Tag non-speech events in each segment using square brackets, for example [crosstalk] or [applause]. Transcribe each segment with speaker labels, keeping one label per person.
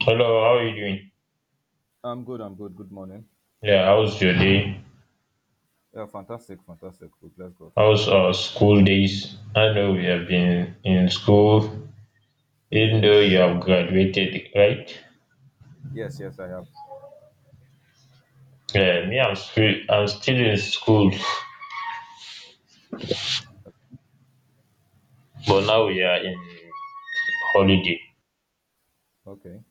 Speaker 1: Hello, how are you doing?
Speaker 2: I'm good. I'm good. Good morning.
Speaker 1: Yeah, how was your day?
Speaker 2: Yeah, fantastic, fantastic. We bless God.
Speaker 1: How was school days? I know we have been in school, even though you
Speaker 2: Yes.
Speaker 1: have graduated, right?
Speaker 2: Yes, yes, I have.
Speaker 1: Yeah, I'm still in school, but now we are in holiday.
Speaker 2: Okay.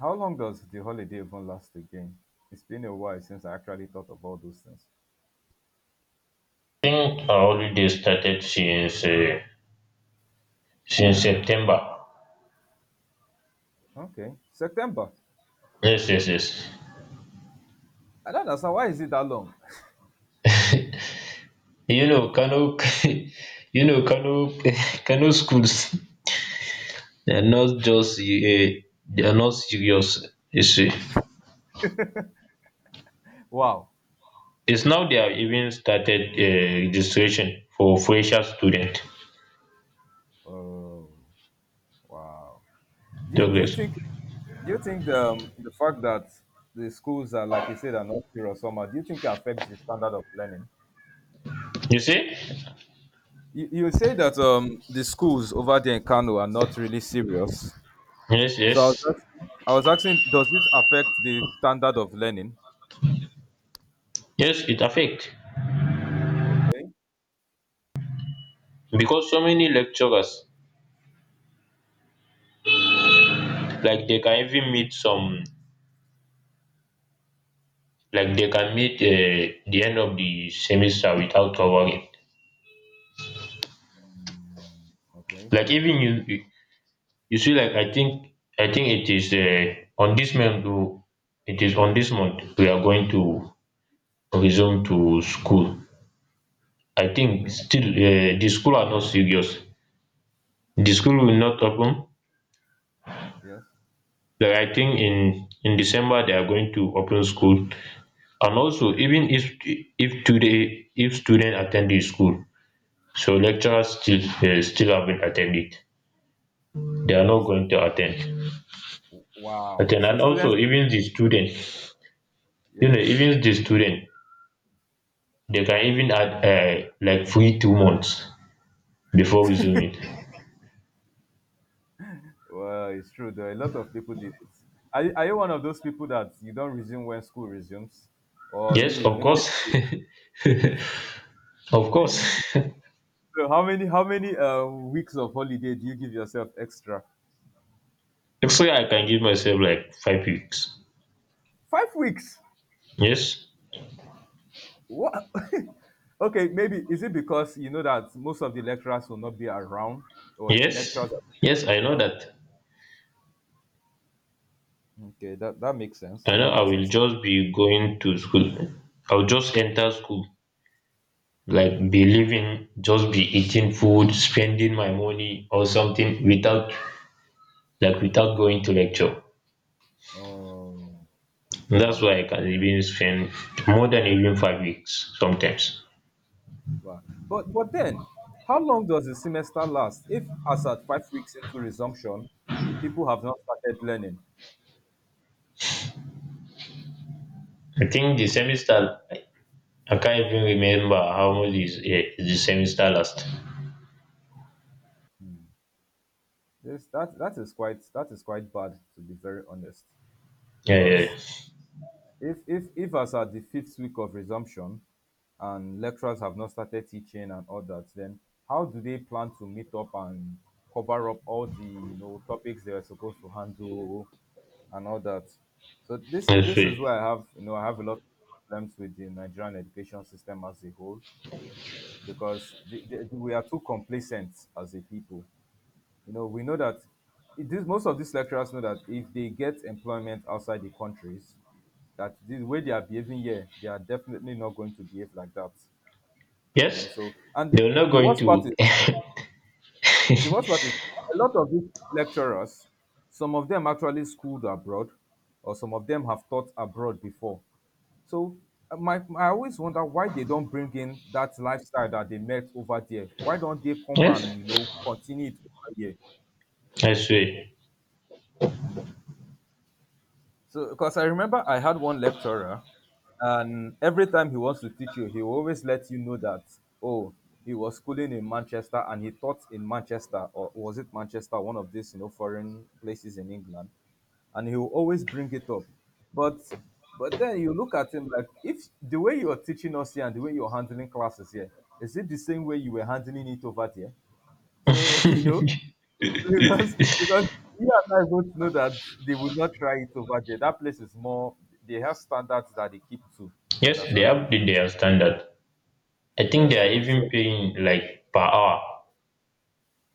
Speaker 2: How long does the holiday even last again? It's been a while since I actually thought of all those things.
Speaker 1: I think our holiday started since September.
Speaker 2: Okay. September.
Speaker 1: Yes, yes, yes.
Speaker 2: I don't understand. Why is it that long?
Speaker 1: You know, Kano, [laughs] you know, Kano, [laughs] Kano schools. They're not just they're not serious. You see.
Speaker 2: Wow.
Speaker 1: It's now they have even started registration for fresher student.
Speaker 2: Oh, wow. Do you
Speaker 1: Progress.
Speaker 2: think do you think the fact that the schools are like you said are not here or summer, do you think it affects the standard of learning?
Speaker 1: You see?
Speaker 2: You say that the schools over there in kano are not really serious.
Speaker 1: Yes,
Speaker 2: So I was
Speaker 1: yes.
Speaker 2: asking, I was asking, does it affect the standard of learning?
Speaker 1: Yes, it affect
Speaker 2: Okay.
Speaker 1: because so many
Speaker 2: Okay.
Speaker 1: lecturers like they can even meet some like they can meet the end of the semester without covering.
Speaker 2: Okay.
Speaker 1: Like even you you see like I think it is on this month, it is on this month we are going to resume to school. I think
Speaker 2: Okay.
Speaker 1: still the school are not serious, the school will not open,
Speaker 2: Yes.
Speaker 1: like I think in December they are going to open school. And also even if today if student attend the school, so lecturers still they still haven't attended. They are
Speaker 2: Oh,
Speaker 1: not
Speaker 2: so
Speaker 1: going to attend,
Speaker 2: wow. So
Speaker 1: and
Speaker 2: students,
Speaker 1: also even the student, you
Speaker 2: yeah.
Speaker 1: know, even the student, they can even add like free 2 months before resuming.
Speaker 2: Well, it's true though. A lot of people did it. Are you one of those people that you don't resume when school resumes, or you
Speaker 1: Yes, of
Speaker 2: make it?
Speaker 1: course. [laughs] Of course.
Speaker 2: So how many weeks of holiday do you give yourself extra?
Speaker 1: [laughs] So I can give myself like 5 weeks.
Speaker 2: 5 weeks.
Speaker 1: Yes.
Speaker 2: What? [laughs] okay, maybe is it because you know that most of the lecturers will not be around, or
Speaker 1: Yes,
Speaker 2: lecturers?
Speaker 1: yes, I know
Speaker 2: Oh,
Speaker 1: that.
Speaker 2: okay, that makes sense.
Speaker 1: I
Speaker 2: That
Speaker 1: know I
Speaker 2: makes
Speaker 1: will
Speaker 2: sense.
Speaker 1: just be going to school. I'll just enter school, like be living, just be eating food, spending my money or something without, like, without
Speaker 2: Like,
Speaker 1: going to lecture.
Speaker 2: oh,
Speaker 1: That's
Speaker 2: wow,
Speaker 1: why I can even spend more than even 5 weeks sometimes.
Speaker 2: wow. But then, how long does the semester last? If as at 5 weeks into resumption, people have not started learning.
Speaker 1: I think the semester, I can't even remember how much is the semester last.
Speaker 2: This that that is quite bad to be very honest,
Speaker 1: Yeah, yeah.
Speaker 2: because if as at the fifth week of resumption and lecturers have not started teaching and all that, then how do they plan to meet up and cover up all the you know topics they were supposed to handle and all that? So this is
Speaker 1: I
Speaker 2: this
Speaker 1: swear.
Speaker 2: is where I have you know I have a lot of problems with the Nigerian education system as a whole, because we are too complacent as a people. You know, we know that it is, most of these lecturers know that if they get employment outside the countries, that the way they are behaving here, they are definitely not going to behave like that. You know,
Speaker 1: Yes,
Speaker 2: so and
Speaker 1: they're not
Speaker 2: the
Speaker 1: going
Speaker 2: worst part
Speaker 1: to.
Speaker 2: is the worst part is a lot of these lecturers, some of them actually schooled abroad, or some of them have taught abroad before. So I always wonder why they don't bring in that lifestyle that they met over there. Why don't they
Speaker 1: [laughs]
Speaker 2: come
Speaker 1: Yes,
Speaker 2: and you know continue it over here?
Speaker 1: I swear.
Speaker 2: So, because I remember I had one lecturer, and every time he wants to teach you, he will always let you know that, oh, he was schooling in Manchester and he taught in Manchester, or was it Manchester, one of these, you know, foreign places in England. And he will always bring it up. But but then you look at him like if the way you're teaching us here and the way you're handling classes here, is it the same way you were handling it over there? So, [laughs] you know,
Speaker 1: [laughs]
Speaker 2: because you and I both know that they will not try it over there. That place is more. They have standards that they keep to. You
Speaker 1: Yes, they
Speaker 2: understand?
Speaker 1: have their standard. I think
Speaker 2: Yeah.
Speaker 1: they are
Speaker 2: So so
Speaker 1: even paying like per hour.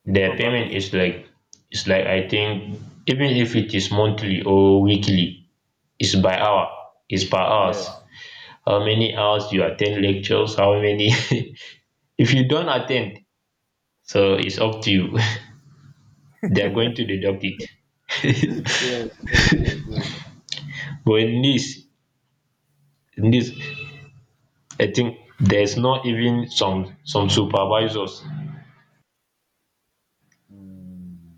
Speaker 2: mm,
Speaker 1: Their payment
Speaker 2: probably
Speaker 1: is like, it's like I think, even if it is monthly or weekly, it's by hour, it's per hours.
Speaker 2: yes.
Speaker 1: How many hours you attend lectures? How many? [laughs] If you don't attend, so it's up to you. [laughs] They are going to deduct it.
Speaker 2: Yes. Yes. Yes. Yes.
Speaker 1: But in this, I think there's not even some supervisors.
Speaker 2: Mm,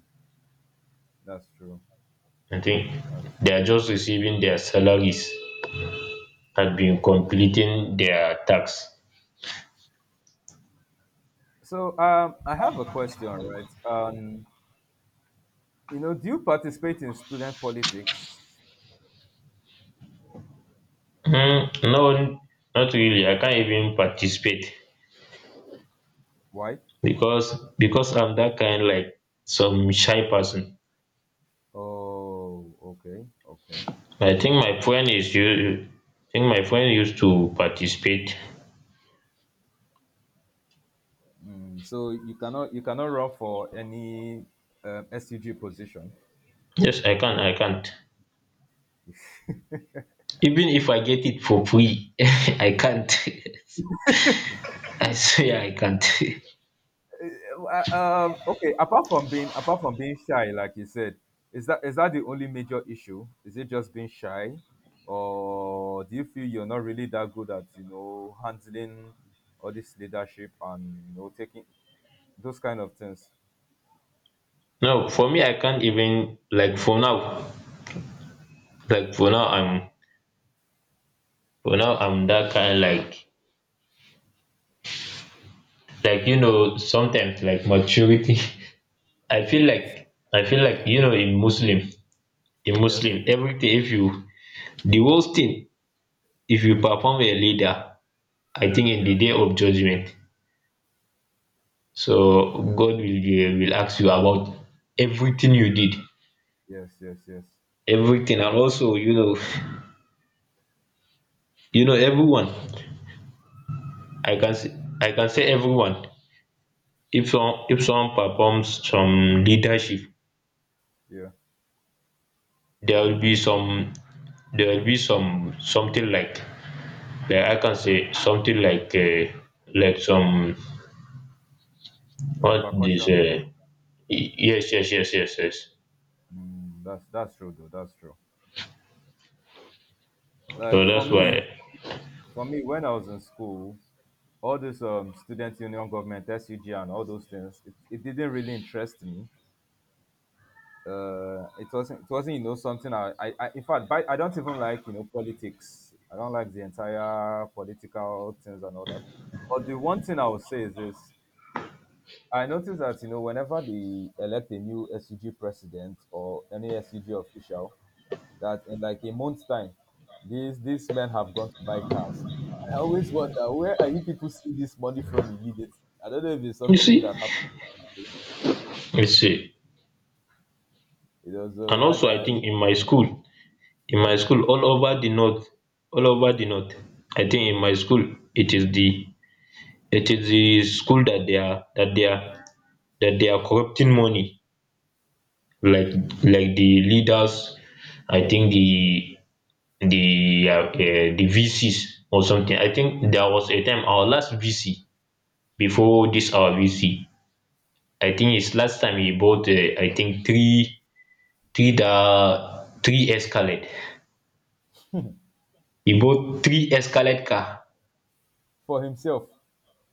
Speaker 2: that's true.
Speaker 1: I think
Speaker 2: That's
Speaker 1: they are just receiving their salaries had been
Speaker 2: yes.
Speaker 1: completing their tasks.
Speaker 2: So I have a question, right? You know, do you participate in student politics?
Speaker 1: Mm, no, not really. I can't even participate
Speaker 2: Why?
Speaker 1: because I'm that kind like some shy person.
Speaker 2: Oh, okay, okay.
Speaker 1: I think my friend is you. I think my friend used to participate.
Speaker 2: Mm, so you cannot run for any SUG position.
Speaker 1: Yes, I can. I can't. Even if I get it for free, [laughs] I can't. [laughs] I swear I can't.
Speaker 2: Okay, apart from being shy, like you said, is that the only major issue? Is it just being shy, or do you feel you're not really that good at you know handling all this leadership and you know taking those kind of things?
Speaker 1: [laughs] No, for me, I can't even like for now. Like for now, I'm that kind like you know sometimes like maturity. [laughs] I feel like, you know in Muslim, in Muslim,
Speaker 2: Yes.
Speaker 1: everything if you, the worst thing, if you perform a leader, I think in the
Speaker 2: Yeah.
Speaker 1: day of judgment, so
Speaker 2: Okay.
Speaker 1: God will be, will ask you about everything
Speaker 2: Yeah.
Speaker 1: you did,
Speaker 2: Yes. Yes. Yes.
Speaker 1: everything. And also you know, [laughs] you know everyone, i can say I can say everyone, if some, if someone performs some leadership,
Speaker 2: Yeah.
Speaker 1: there will be some, there will be some something like, yeah, I can say something like some, what this
Speaker 2: Repercussion.
Speaker 1: y- yes, yes, yes, yes, yes.
Speaker 2: Mm, that's true though. That's true.
Speaker 1: So
Speaker 2: Like for
Speaker 1: that's
Speaker 2: me,
Speaker 1: why.
Speaker 2: for me, when I was in school, all this student union government, SUG, and all those things, it didn't really interest me. It wasn't, you know, something I in fact, I don't even like, you know, politics. I don't like the entire political things and all that. But the one thing I would say is this: I noticed that, you know, whenever they elect a new SUG president or any SUG official, that in like a month's time, these men have gone to buy cars. I always wonder where are you people see this money from immediately? I don't know if it's
Speaker 1: You
Speaker 2: something
Speaker 1: see,
Speaker 2: that happened.
Speaker 1: you see
Speaker 2: You know, so
Speaker 1: and
Speaker 2: I,
Speaker 1: also I
Speaker 2: I
Speaker 1: think in my school,
Speaker 2: yeah,
Speaker 1: all over the north, all over the north I think in my school it is the, school that they are, that they are corrupting money, like like the leaders. I
Speaker 2: yes,
Speaker 1: think
Speaker 2: yes,
Speaker 1: the VCs or something. I think there was a time our last VC before this our VC. I think it's last time he bought I think three Escalade. He bought three Escalade car.
Speaker 2: for himself.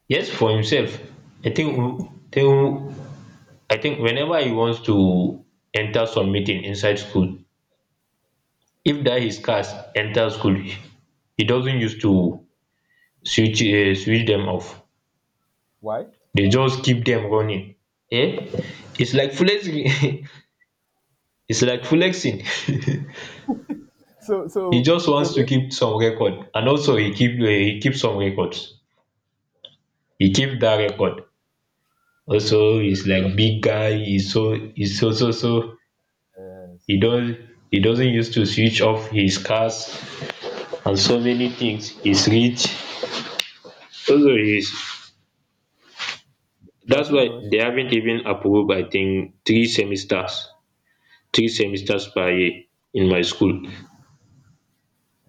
Speaker 1: Yes, for himself. I think, I think whenever he wants to enter some meeting inside school, if that his cars enter school, he doesn't use to switch them off.
Speaker 2: Why?
Speaker 1: They just keep them running, eh? It's like flexing. [laughs] It's like flexing.
Speaker 2: So
Speaker 1: [laughs] He
Speaker 2: so
Speaker 1: just
Speaker 2: so
Speaker 1: wants to keep some record, and also he keep some records, he keep that record. Also he's like big guy, he's so hes so so so he
Speaker 2: yes,
Speaker 1: don't, he doesn't used to switch off his cars, and so many things, he's rich, also he's,
Speaker 2: but
Speaker 1: that's
Speaker 2: you
Speaker 1: why
Speaker 2: know,
Speaker 1: they
Speaker 2: she-
Speaker 1: haven't even approved, I think, three semesters, three semesters per year in my school,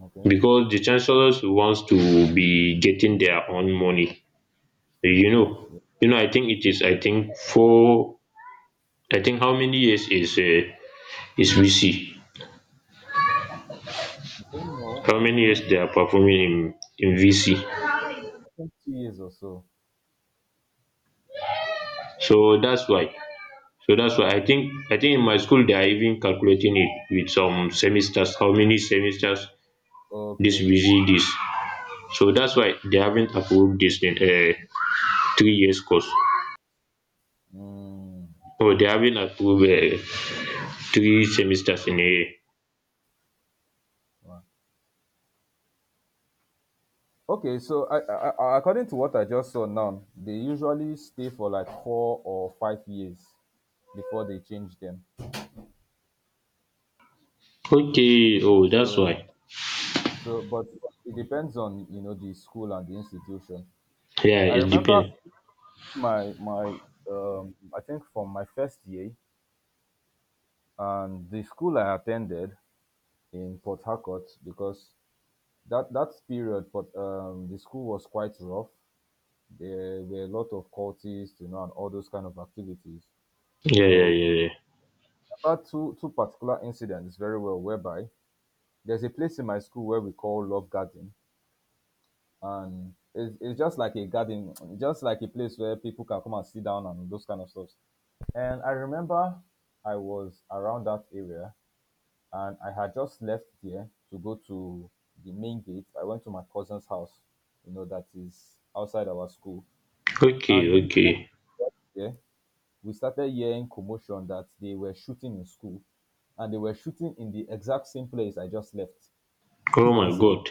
Speaker 2: okay,
Speaker 1: because the chancellors wants to be getting their own money, you
Speaker 2: yes,
Speaker 1: know.
Speaker 2: yes.
Speaker 1: You know, I think it is I think four I think how many years is VC,
Speaker 2: I don't know.
Speaker 1: how
Speaker 2: I
Speaker 1: many
Speaker 2: don't
Speaker 1: years
Speaker 2: maybe
Speaker 1: they are performing in VC?
Speaker 2: I think 2 years or so.
Speaker 1: So that's why, I think in my school they are even calculating it with some semesters, how many semesters this
Speaker 2: Okay.
Speaker 1: VC. This So that's why they haven't approved this in 3 years course,
Speaker 2: Mm.
Speaker 1: or they haven't approved three semesters in a year.
Speaker 2: Okay, so according to what I just saw now, they usually stay for like 4 or 5 years before they change them.
Speaker 1: Okay, oh that's
Speaker 2: So,
Speaker 1: why.
Speaker 2: so but it depends on you know the school and the institution.
Speaker 1: Yeah,
Speaker 2: I
Speaker 1: it
Speaker 2: remember
Speaker 1: depends.
Speaker 2: my my I think from my first year and the school I attended in Port Harcourt because that period, but the school was quite rough. There were a lot of cultists, you know, and all those kind of activities.
Speaker 1: Yeah, yeah,
Speaker 2: So
Speaker 1: yeah, yeah.
Speaker 2: remember two particular incidents very well whereby there's a place in my school where we call love garden, and it's just like a garden, just like a place where people can come and sit down and those kind of stuff. And I remember I was around that area, and I had just left there to go to the main gate. I went to my cousin's house, you know, that is outside our school. And
Speaker 1: Okay,
Speaker 2: the moment
Speaker 1: okay.
Speaker 2: I got there, we started hearing commotion that they were shooting in school, and they were shooting in the exact same place I just left. [laughs] You
Speaker 1: Oh
Speaker 2: know,
Speaker 1: my
Speaker 2: so
Speaker 1: god.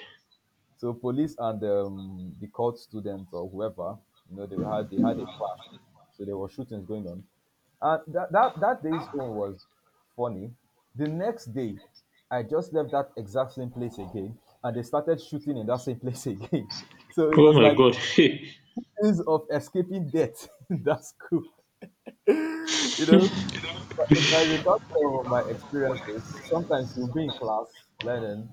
Speaker 2: so police and the court students or whoever, you know, they had a clash, so there were shootings going on, and that day's own was funny. The next day, I just left that exact same place again, and they started shooting in that same place [laughs] again. So it
Speaker 1: Oh
Speaker 2: was
Speaker 1: my
Speaker 2: like
Speaker 1: god. [laughs]
Speaker 2: ease of escaping death. [laughs] That's cool. [laughs] you know but if I recall some of my experiences, sometimes you'll be in class learning,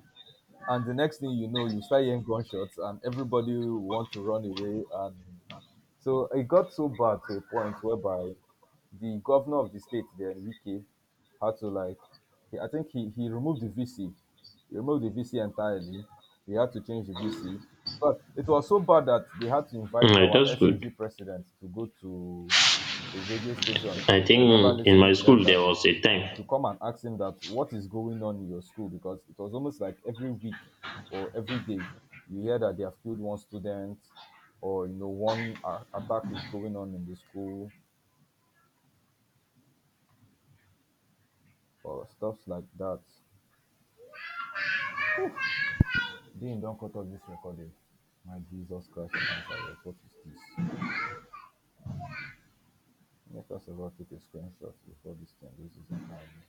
Speaker 2: and the next thing you know, you start hearing gunshots, and everybody will want to run away. And so it got so bad to a point whereby the governor of the state then, Wike, had to like I think he removed the VC. He removed the VC entirely. They had to change the VC. But it was so bad that they had to invite
Speaker 1: Hey,
Speaker 2: our
Speaker 1: that's good.
Speaker 2: SEG president to go to a radio station.
Speaker 1: I
Speaker 2: I remember
Speaker 1: think in
Speaker 2: listening
Speaker 1: my
Speaker 2: to the
Speaker 1: school there
Speaker 2: interview,
Speaker 1: was a time
Speaker 2: to come and ask him that what is going on in your school, because it was almost like every week or every day you hear that they have killed one student or you know one attack is going on in the school. Or stuffs like dat, dean not cut off this recording, my jesus christ of nazareth, what is this? Make us all take a screenshot before dis thing lose its entirely.